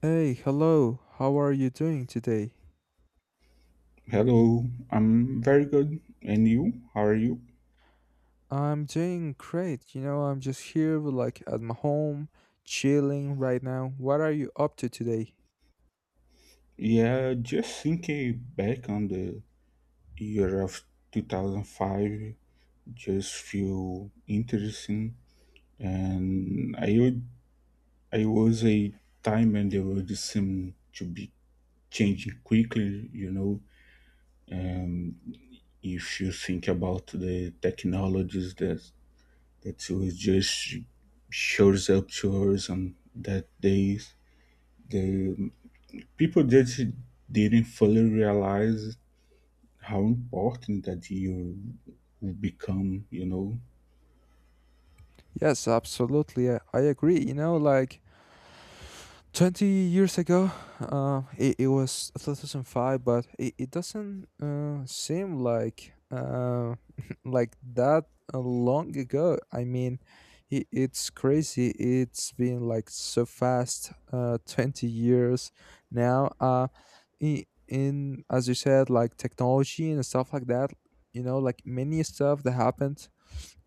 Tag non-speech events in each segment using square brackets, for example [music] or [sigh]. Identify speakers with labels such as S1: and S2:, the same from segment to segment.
S1: Hey, hello. How are you doing today?
S2: Hello, I'm very good. And you? How are you?
S1: I'm doing great. You know, I'm just here like at my home, chilling right now. What are you up to today?
S2: Yeah, just thinking back on the year of 2005, just feel interesting. And I was a time when the world seemed to be changing quickly. And if you think about the technologies that was just shows up to us on that days, the People just didn't fully realize how important that you would become.
S1: Yes, absolutely. I agree. You know, like 20 years ago it was 2005 but it doesn't seem like [laughs] like that long ago. I mean, I it's crazy. It's been like so fast, 20 years now. In As you said, like technology and stuff like that, you know, like many stuff that happened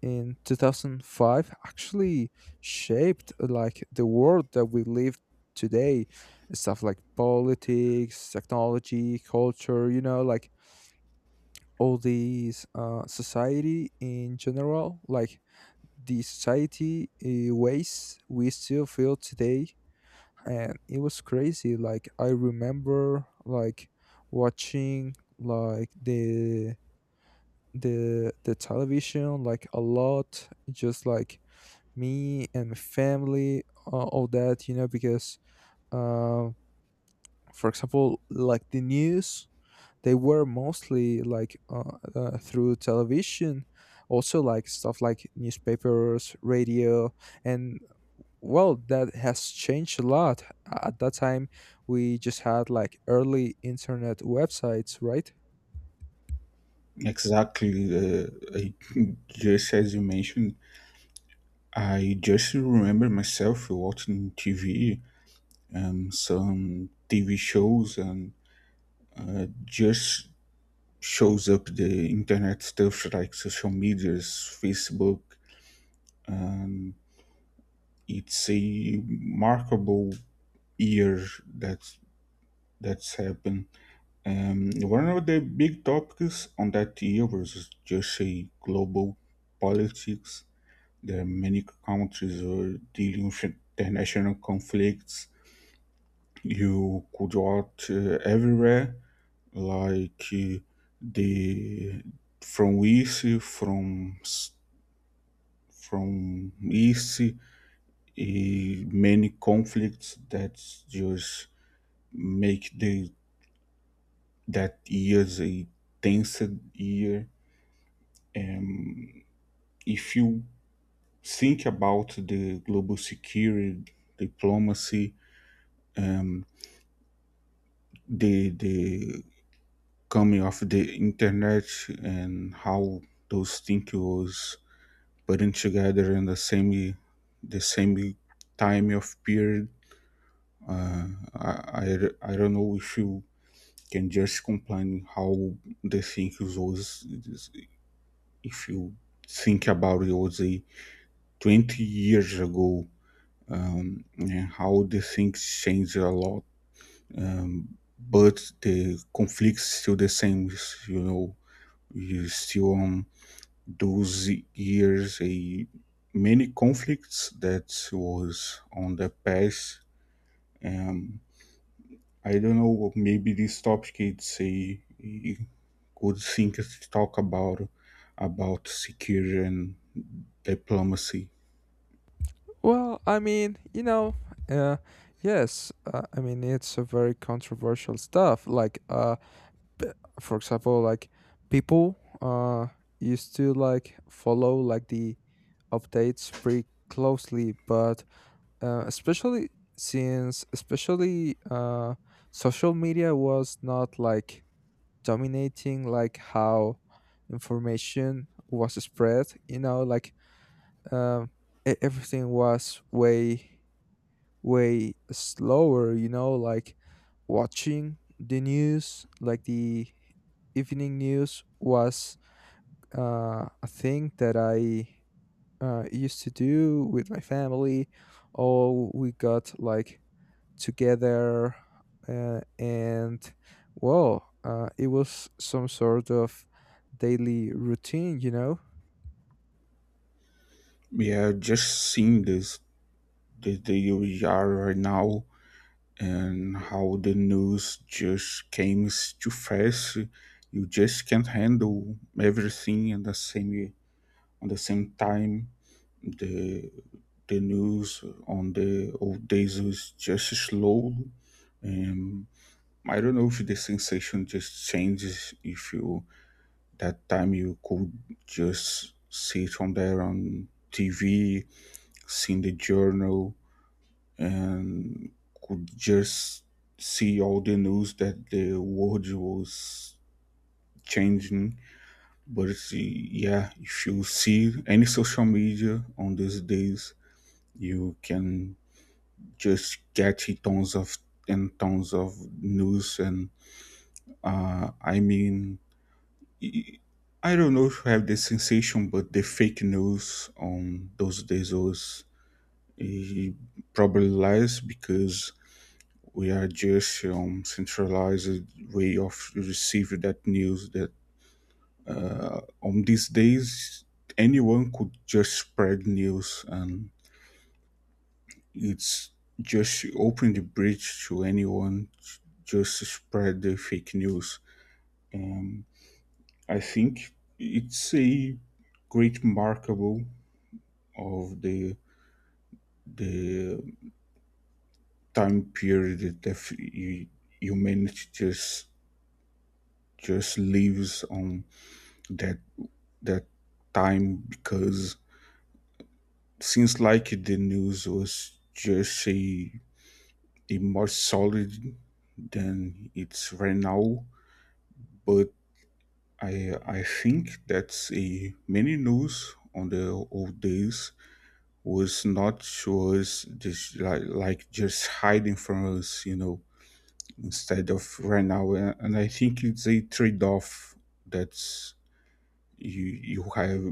S1: in 2005 actually shaped like the world that we live today. Stuff like politics, technology, culture, you know, like all these society in general, like the society ways we still feel today. And it was crazy. Like I remember like watching like the the television like a lot, just like me and my family, all that, you know, because, uh, for example, like the news, they were mostly like through television, also like stuff like newspapers, radio, and well, that has changed a lot. At that time, we just had like early internet websites, right?
S2: Exactly. Uh, I, just as you mentioned, I just remember myself watching TV, some TV shows, and just shows up the internet stuff like social medias, Facebook, and it's a remarkable year that that's happened. One of the big topics on that year was just a global politics. There are many countries were dealing with international conflicts. You could watch everywhere, like uh, the from east, from s- from east, many conflicts that just make the that year's a tense year. Um, if you think about the global security diplomacy, um, the coming of the internet and how those things was putting together in the same time of period, uh, I, I don't know if you can just complain how the thing was if you think about it was a 20 years ago, and how the things change a lot, um, but the conflicts still the same. You know, you still, those years a many conflicts that was on the past. Um, I don't know. Maybe this topic it's a good thing to talk about security and diplomacy.
S1: Well, I mean, you know, uh, yes, I mean, it's a very controversial stuff. Like, p- for example, like people uh used to like follow like the updates pretty closely. But uh, especially especially social media was not like dominating like how information was spread, you know, like um everything was way way slower, you know, like watching the news, like the evening news was a thing that I used to do with my family. All we got like together, and well, it was some sort of daily routine, you know?
S2: Yeah, just seeing this the we are right now and how the news just came too fast. You just can't handle everything at the same time. The the news on the old days was just slow. And I don't know if the sensation just changes if you that time you could just sit on there on TV, seeing the journal, and could just see all the news that the world was changing. But see, yeah, if you see any social media on these days, you can just get tons of and tons of news. And I mean, I I don't know if you have the sensation, but the fake news on those days was, eh, probably lies because we are just, centralized way of receive that news that, on these days anyone could just spread news and it's just open the bridge to anyone to just spread the fake news, um, I think it's a great markable of the time period that humanity just lives on that that time because since like the news was just a more solid than it's right now, but I think that's a many news on the old days was not was just like, just hiding from us, you know, instead of right now. And I think it's a trade off that's you you have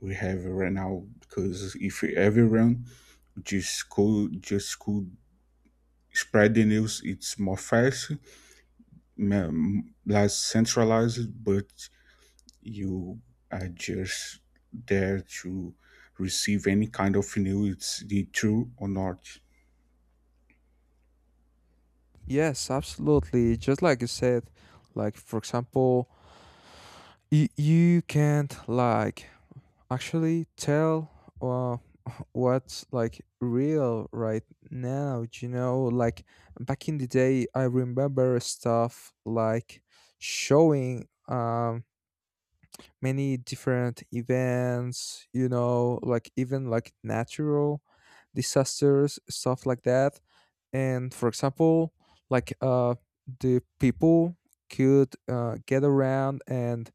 S2: we have right now because if everyone just could spread the news. It's more fast, less centralized, but you are just there to receive any kind of news. It's the true or not.
S1: Yes, absolutely. Just like you said, like for example, you can't like actually tell uh, what's like real right now, you know, like back in the day, I remember stuff like showing, many different events, you know, like even like natural disasters, stuff like that. And for example, like the people could get around and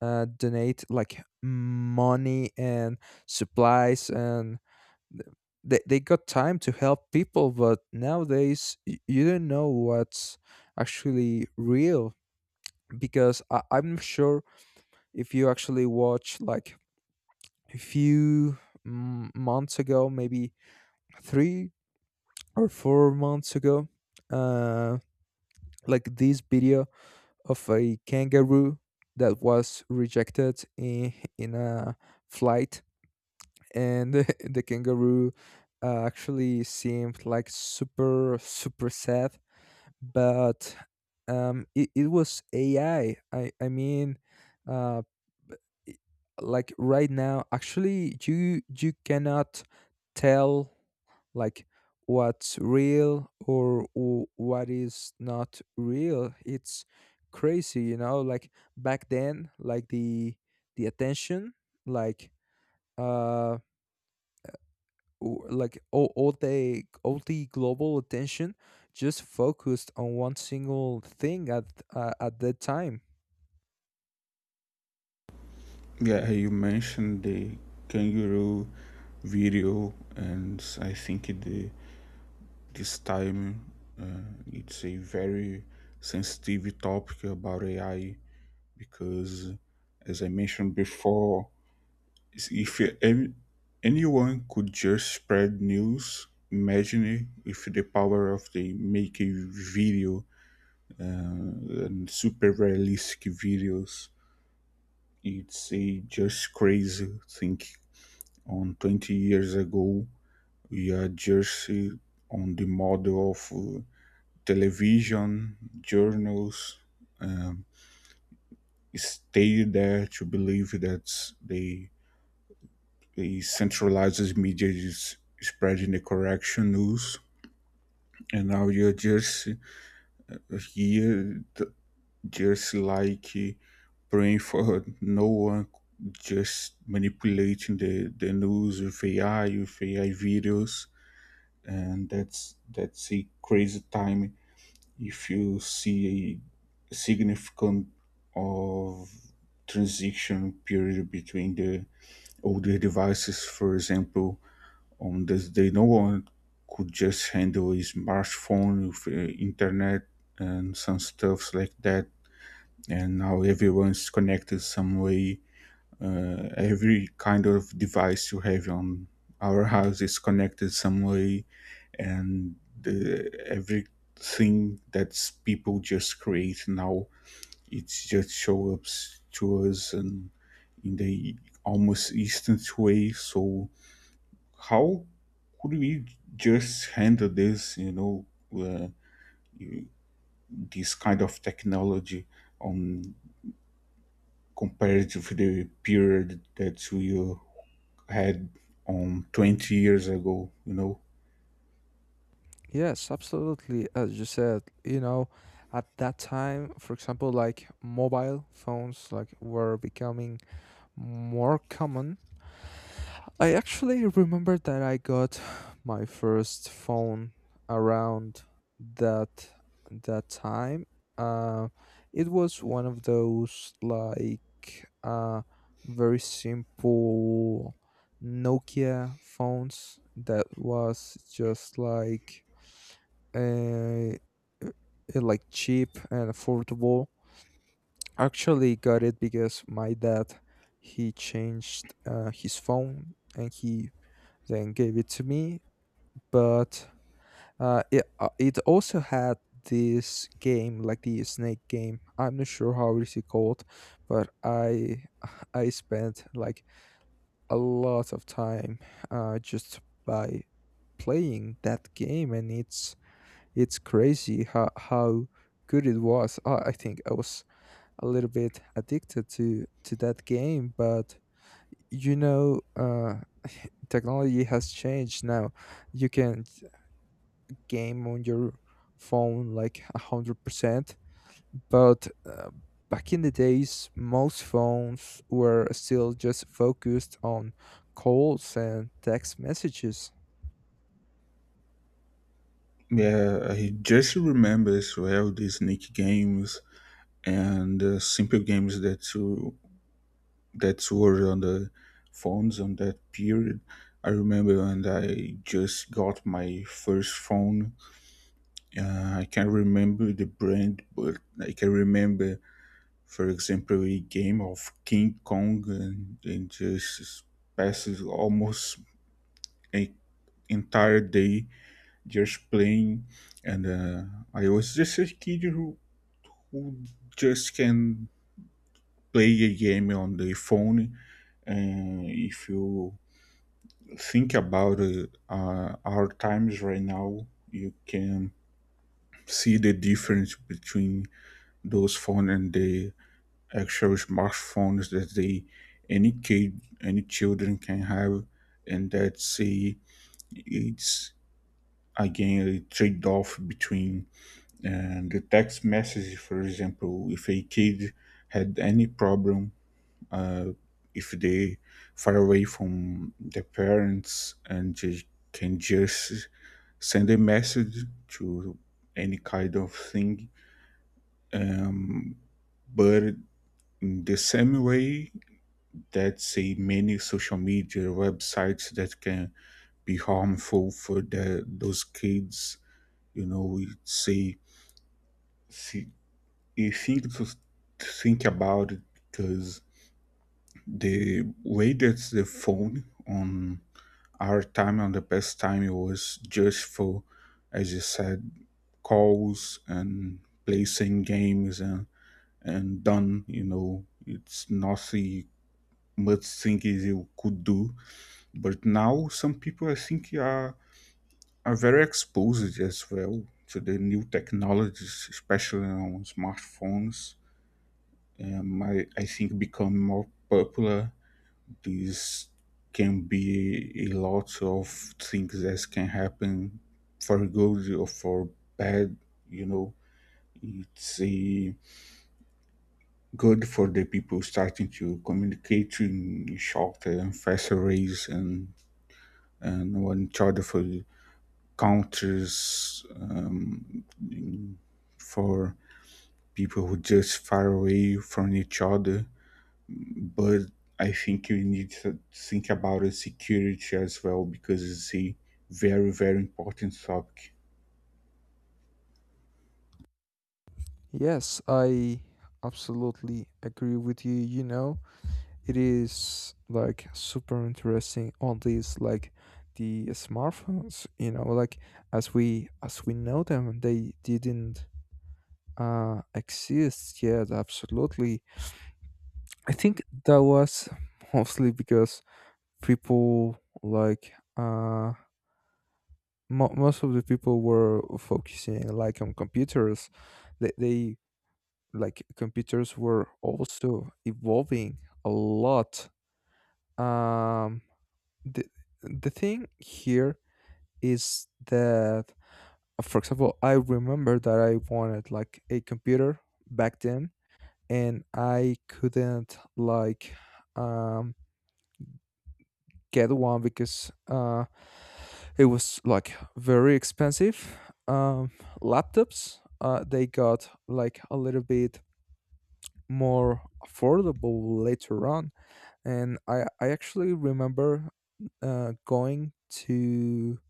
S1: donate like money and supplies, and th- they got time to help people. But nowadays, you don't know what's actually real, because I'm sure if you actually watch like a few months ago, maybe 3 or 4 months ago, um like this video of a kangaroo that was rejected in a flight. And [laughs] the kangaroo actually seemed like super super sad. But it was ai. I mean, uh i- like right now, actually, you cannot tell like what's real or what is not real. It's crazy, you know, like back then, like the attention, like uh like all the global attention just focused on one single thing at that time.
S2: Yeah, you mentioned the kangaroo video, and I think the this time, it's a very sensitive topic about AI because, as I mentioned before, if any, anyone could just spread news, imagine if the power of the make a video, uh, and super realistic videos. It's a just crazy thing. On 20 years ago, we are just, on the model of, television, journals, um, stay there to believe that they He centralizes media is spreading the correction news, and now you're just here, just like, praying for no one, just manipulating the news with AI, with AI videos, and that's a crazy time if you see a significant of transition period between the older devices, for example, on this day, no one could just handle his smartphone with, internet and some stuffs like that. And now everyone's connected some way. Every kind of device you have on our house is connected some way, and everything that people just create now, it just shows up to us and in the almost instant way. So how could we just handle this, you know, uh, you- this kind of technology on compared to the period that we, had on 20 years ago, you know?
S1: Yes, absolutely. As you said, you know, at that time, for example, like mobile phones like were becoming more common. I actually remember that I got [sighs] my first phone around that that time. Uh, it was one of those like very simple Nokia phones that was just like a, like cheap and affordable. Actually, got it because my dad, he changed his phone and he then gave it to me. But it also had this game, like the snake game. I'm not sure how is it called, but I [laughs] I spent like a lot of time just by playing that game. And it's crazy how good it was. I think I was a little bit addicted to that game, but you know. [laughs] Technology has changed now. You can game on your phone like 100%. But back in the days, most phones were still just focused on calls and text messages.
S2: Yeah, I just remember as well these Nick games and, simple games that were on the phones on that period. I remember when I just got my first phone. I can't remember the brand, but I can remember, for example, a game of King Kong, and just passes almost a entire day just playing. And, I was just a kid who just can play a game on the phone. And if you think about, our times right now, you can see the difference between those phone and the actual smartphones that they any kid any children can have, and it's again a trade-off between, the text message, for example, if a kid had any problem, uh, if they far away from their parents and just can just send a message to any kind of thing, um, but in the same way that say many social media websites that can be harmful for those kids. You know, we say see, you think about it because the way that the phone on our time on the past time it was just for, as you said, calls and placing games and done. You know, it's nothing much thing is you could do. But now some people, I think, are very exposed as well to the new technologies, especially on smartphones. I think become more popular. This can be a lot of things that can happen for good or for bad. You know, it's a good for the people starting to communicate in shorter and faster ways and one each other for countries for people who just far away from each other, but I think you need to think about the security as well because it's a very very important topic.
S1: Yes, I absolutely agree with you, you know. It is like super interesting on these, like the smartphones, you know, like as we know them, they didn't exist yet. Absolutely. I think that was mostly because people, like most of the people were focusing like on computers. They like computers were also evolving a lot. Um the thing here is that for example, I remember that I wanted like a computer back then, and I couldn't like um get one because it was like very expensive. Um, Laptops they got like a little bit more affordable later on, and I actually remember going to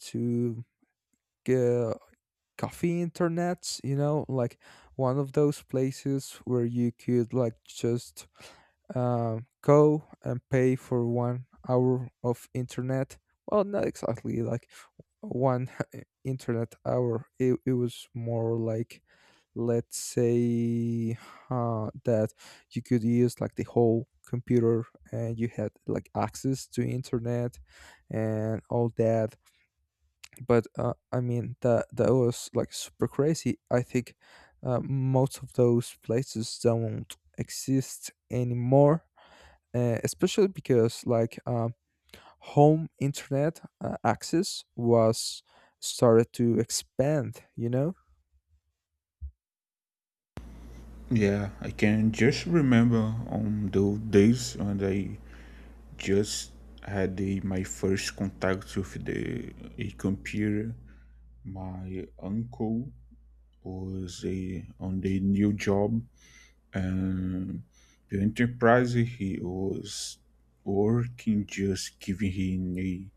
S1: to get cafe internets, you know, like one of those places where you could like just go and pay for 1 hour of internet. Well, not exactly like one [laughs] internet hour. It was more like let's say that you could use like the whole computer and you had like access to internet and all that. But I mean, that was like super crazy. I think most of those places don't exist anymore, especially because like home internet access was started to expand, you know.
S2: Yeah, I can just remember on those days when I just had my first contact with the a computer. My uncle was on the new job. Um, the enterprise he was working just giving him a,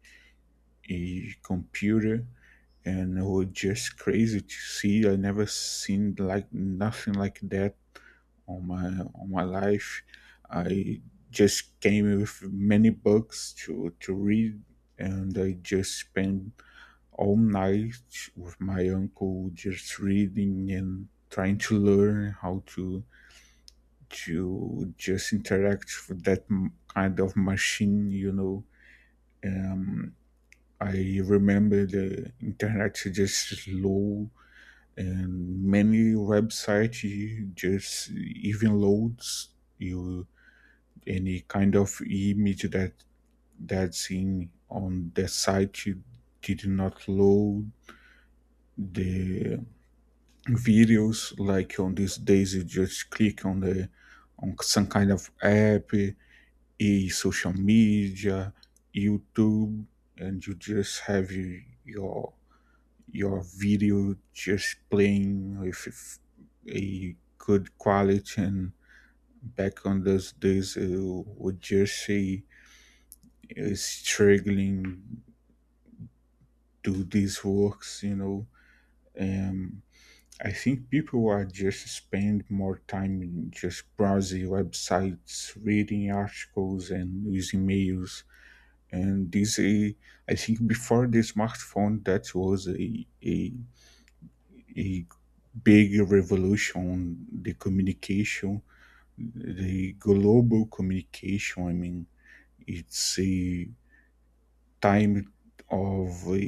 S2: a computer and it was just crazy to see. I never seen like nothing like that on my on my life. I just came with many books to read, and I just spent all night with my uncle just reading and trying to learn how to just interact with that kind of machine, you know. Um, I remember the internet just low and many websites you just even loads you any kind of image that that's in on the site you did not load the videos like on these days you just click on the on some kind of app, a social media, YouTube, and you just have your your video just playing with a good quality. And back on those days, I would just say, struggling do these works, you know. Um, I think people are just spend more time in just browsing websites, reading articles, and using emails, and this, I think before the smartphone that was a big revolution the communication the global communication, I mean, it's a time of,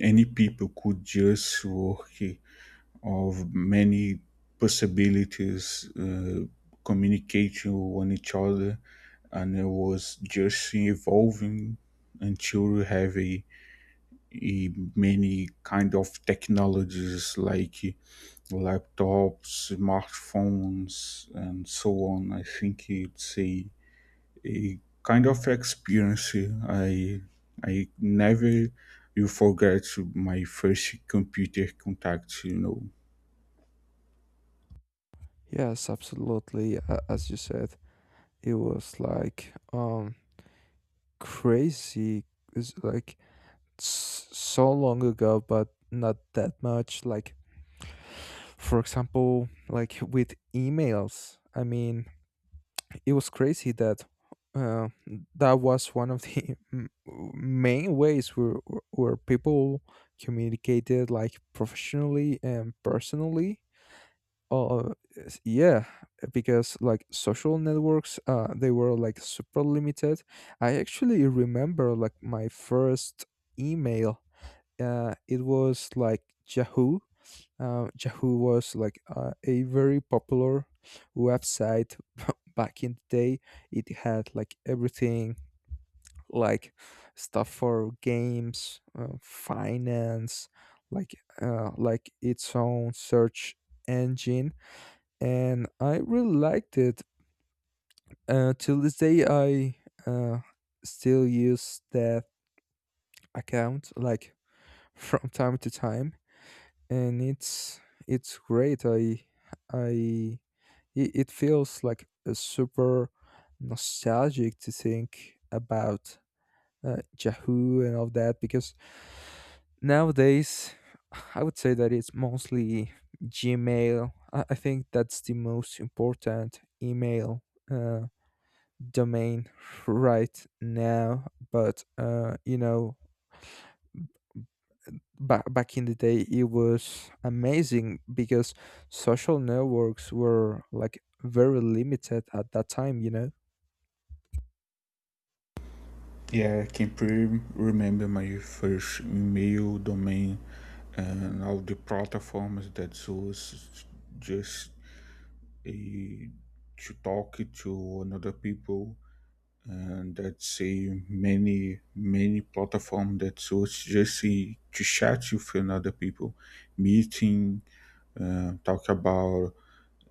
S2: any people could just work of many possibilities, communicating one each other and it was just evolving until we have a, eh, many kind of technologies like, laptops, smartphones, and so on. I think it's a kind of experience. I never you forget my first computer contact. You know.
S1: Yes, absolutely. As you said, it was like crazy. It's like so long ago but not that much. Like, for example, like with emails, I mean, it was crazy that uh, that was one of the [laughs] main ways where people communicated like professionally and personally. Uh, yeah, because like social networks, they were like super limited. I actually remember like my first email, it was like Yahoo. Yahoo was like a very popular website [laughs] back in the day. It had like everything, like stuff for games, finance, like like its own search engine, and I really liked it. Till this day, I uh, still use that account like [laughs] from time to time, and it's great. I it feels like a super nostalgic to think about Yahoo and all that, because nowadays I would say that it's mostly Gmail. I think that's the most important email uh, domain right now. But you know, back in the day it was amazing because social networks were like very limited at that time, you know.
S2: Yeah, I can remember my first email domain and all the platforms that was just a, to talk to another people, and let's many many platform that was just to chat with another people, meeting, talk about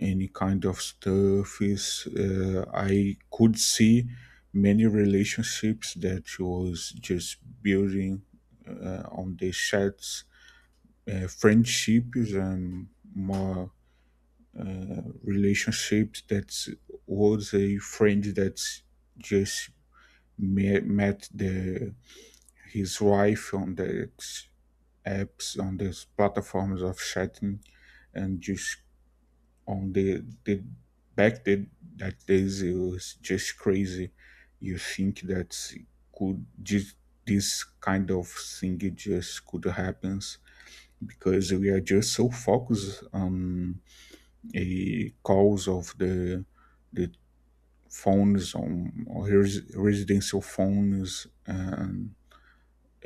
S2: any kind of stuff is, I could see many relationships that was just building, on these chats, friendships and more relationships that was a friend that's just met the his wife on the apps on these platforms of chatting, and just on the back that days it was just crazy. You think that could just this kind of thing it just could happen because we are just so focused on a calls of the phones on residential phones and,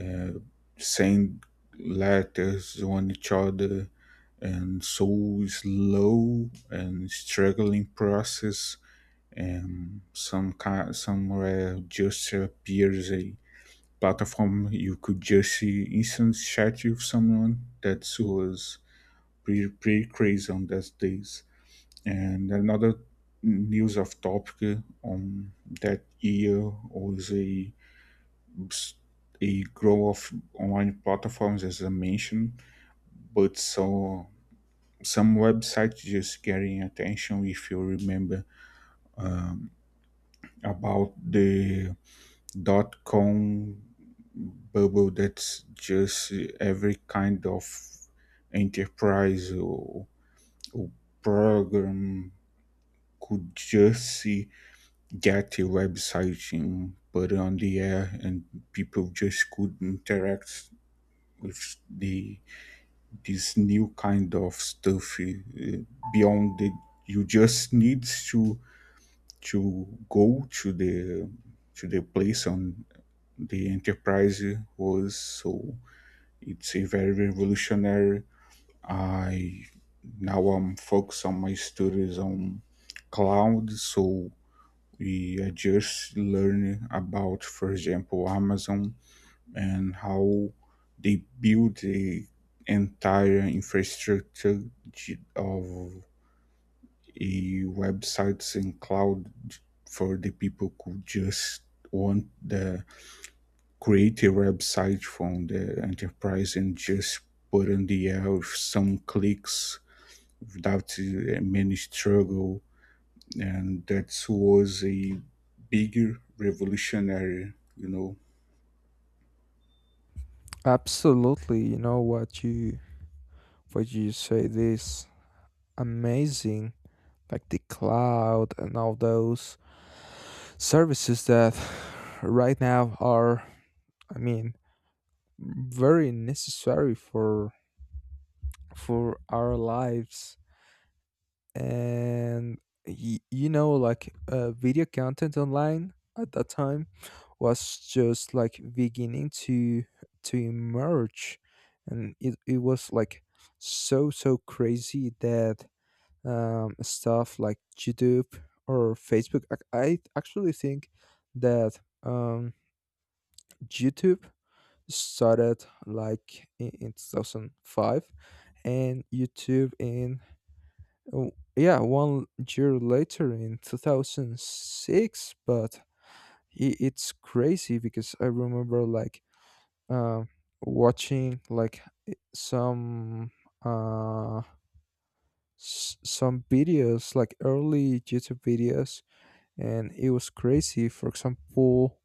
S2: uh, send letters on each other and so slow and struggling process and some kind somewhere just appears a platform you could just see instant chat with someone that was pretty, pretty crazy on those days, and another news of topic on that year was a growth of online platforms, as I mentioned, but so some websites just getting attention. If you remember, um, about the .com bubble, that's just every kind of enterprise or program could just see get a website and put it on the air, and people just could interact with the this new kind of stuff, uh, beyond the you just need to go to the place on the enterprise was so it's a very revolutionary. I Now I'm focused on my studies on cloud, so we are just learn about, for example, Amazon, and how they build the entire infrastructure of a websites and cloud for the people who just want the create a website from the enterprise and just put on the air with some clicks without, many struggle, and that was a big revolutionary, you know.
S1: Absolutely. You know, what you say, this amazing, like the cloud and all those services that [sighs] right now are, I mean, very necessary for our lives. And, you know, like video content online at that time was just like beginning to emerge. And it was like so so crazy that, stuff like YouTube or Facebook, I actually think that, YouTube started like in 2005, and YouTube in oh, yeah, 1 year later in 2006. But it's crazy because I remember like uh, watching like some uh some videos like early YouTube videos. And it was crazy, for example,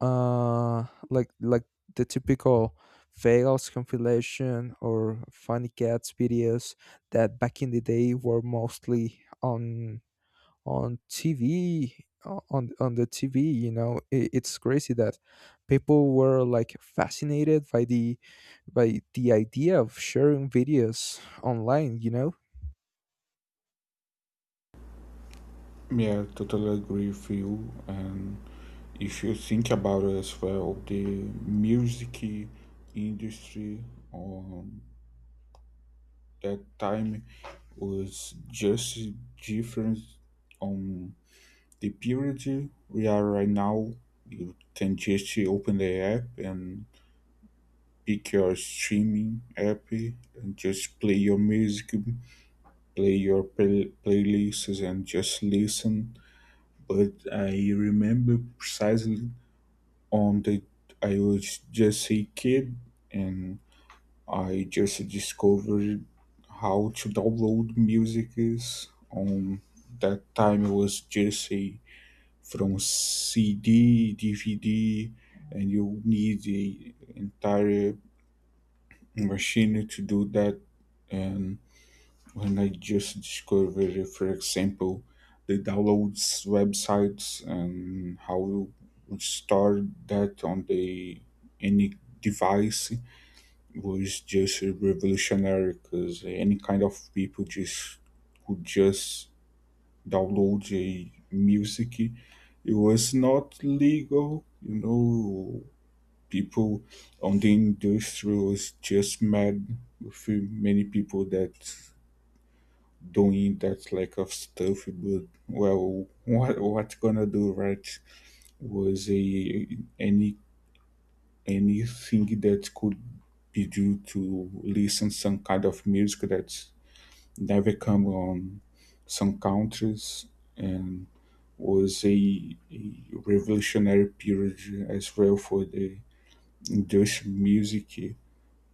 S1: uh like the typical fails compilation or funny cats videos that back in the day were mostly on TV, on the TV. You know, I it's crazy that people were like fascinated by the idea of sharing videos online, you know.
S2: Yeah, totally agree with you. And if you think about it as well, the music industry on that time was just different on the period we are right now. You can just open the app and pick your streaming app and just play your music, play your playlists, and just listen. But I remember precisely on the I was just a kid and I just discovered how to download music is. On that time it was just a from CD, DVD, and you need the entire machine to do that, and when I just discovered, for example, the downloads websites and how you would store that on the any device was just revolutionary because any kind of people just could just download a music. It was not legal, you know. People on the industry was just mad with many people that doing that like of stuff, but well, what gonna do, right? Was a anything that could be due to listen some kind of music that never come on some countries, and was a revolutionary period as well for the industrial music,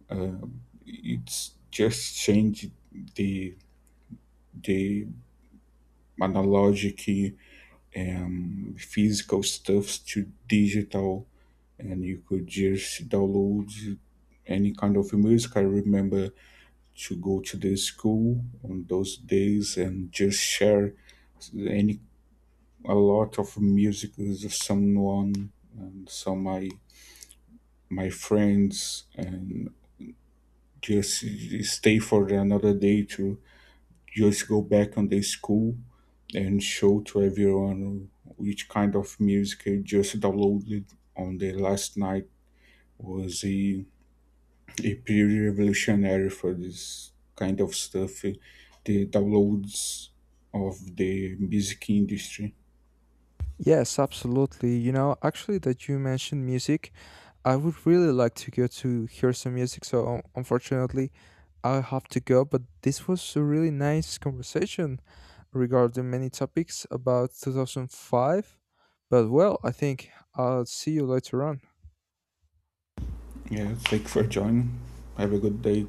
S2: it's just changed the the analogic, physical stuffs to digital, and you could just download any kind of music. I remember to go to the school on those days and just share any a lot of music with someone and some my my friends and just stay for another day to just go back on the school and show to everyone which kind of music I just downloaded on the last night was a pretty revolutionary for this kind of stuff. The downloads of the music industry.
S1: Yes, absolutely. You know, actually, that you mentioned music, I would really like to go to hear some music. So unfortunately, I have to go. But this was a really nice conversation regarding many topics about 2005. But well, I think I'll see you later on.
S2: Yeah, thank you for joining. Have a good day.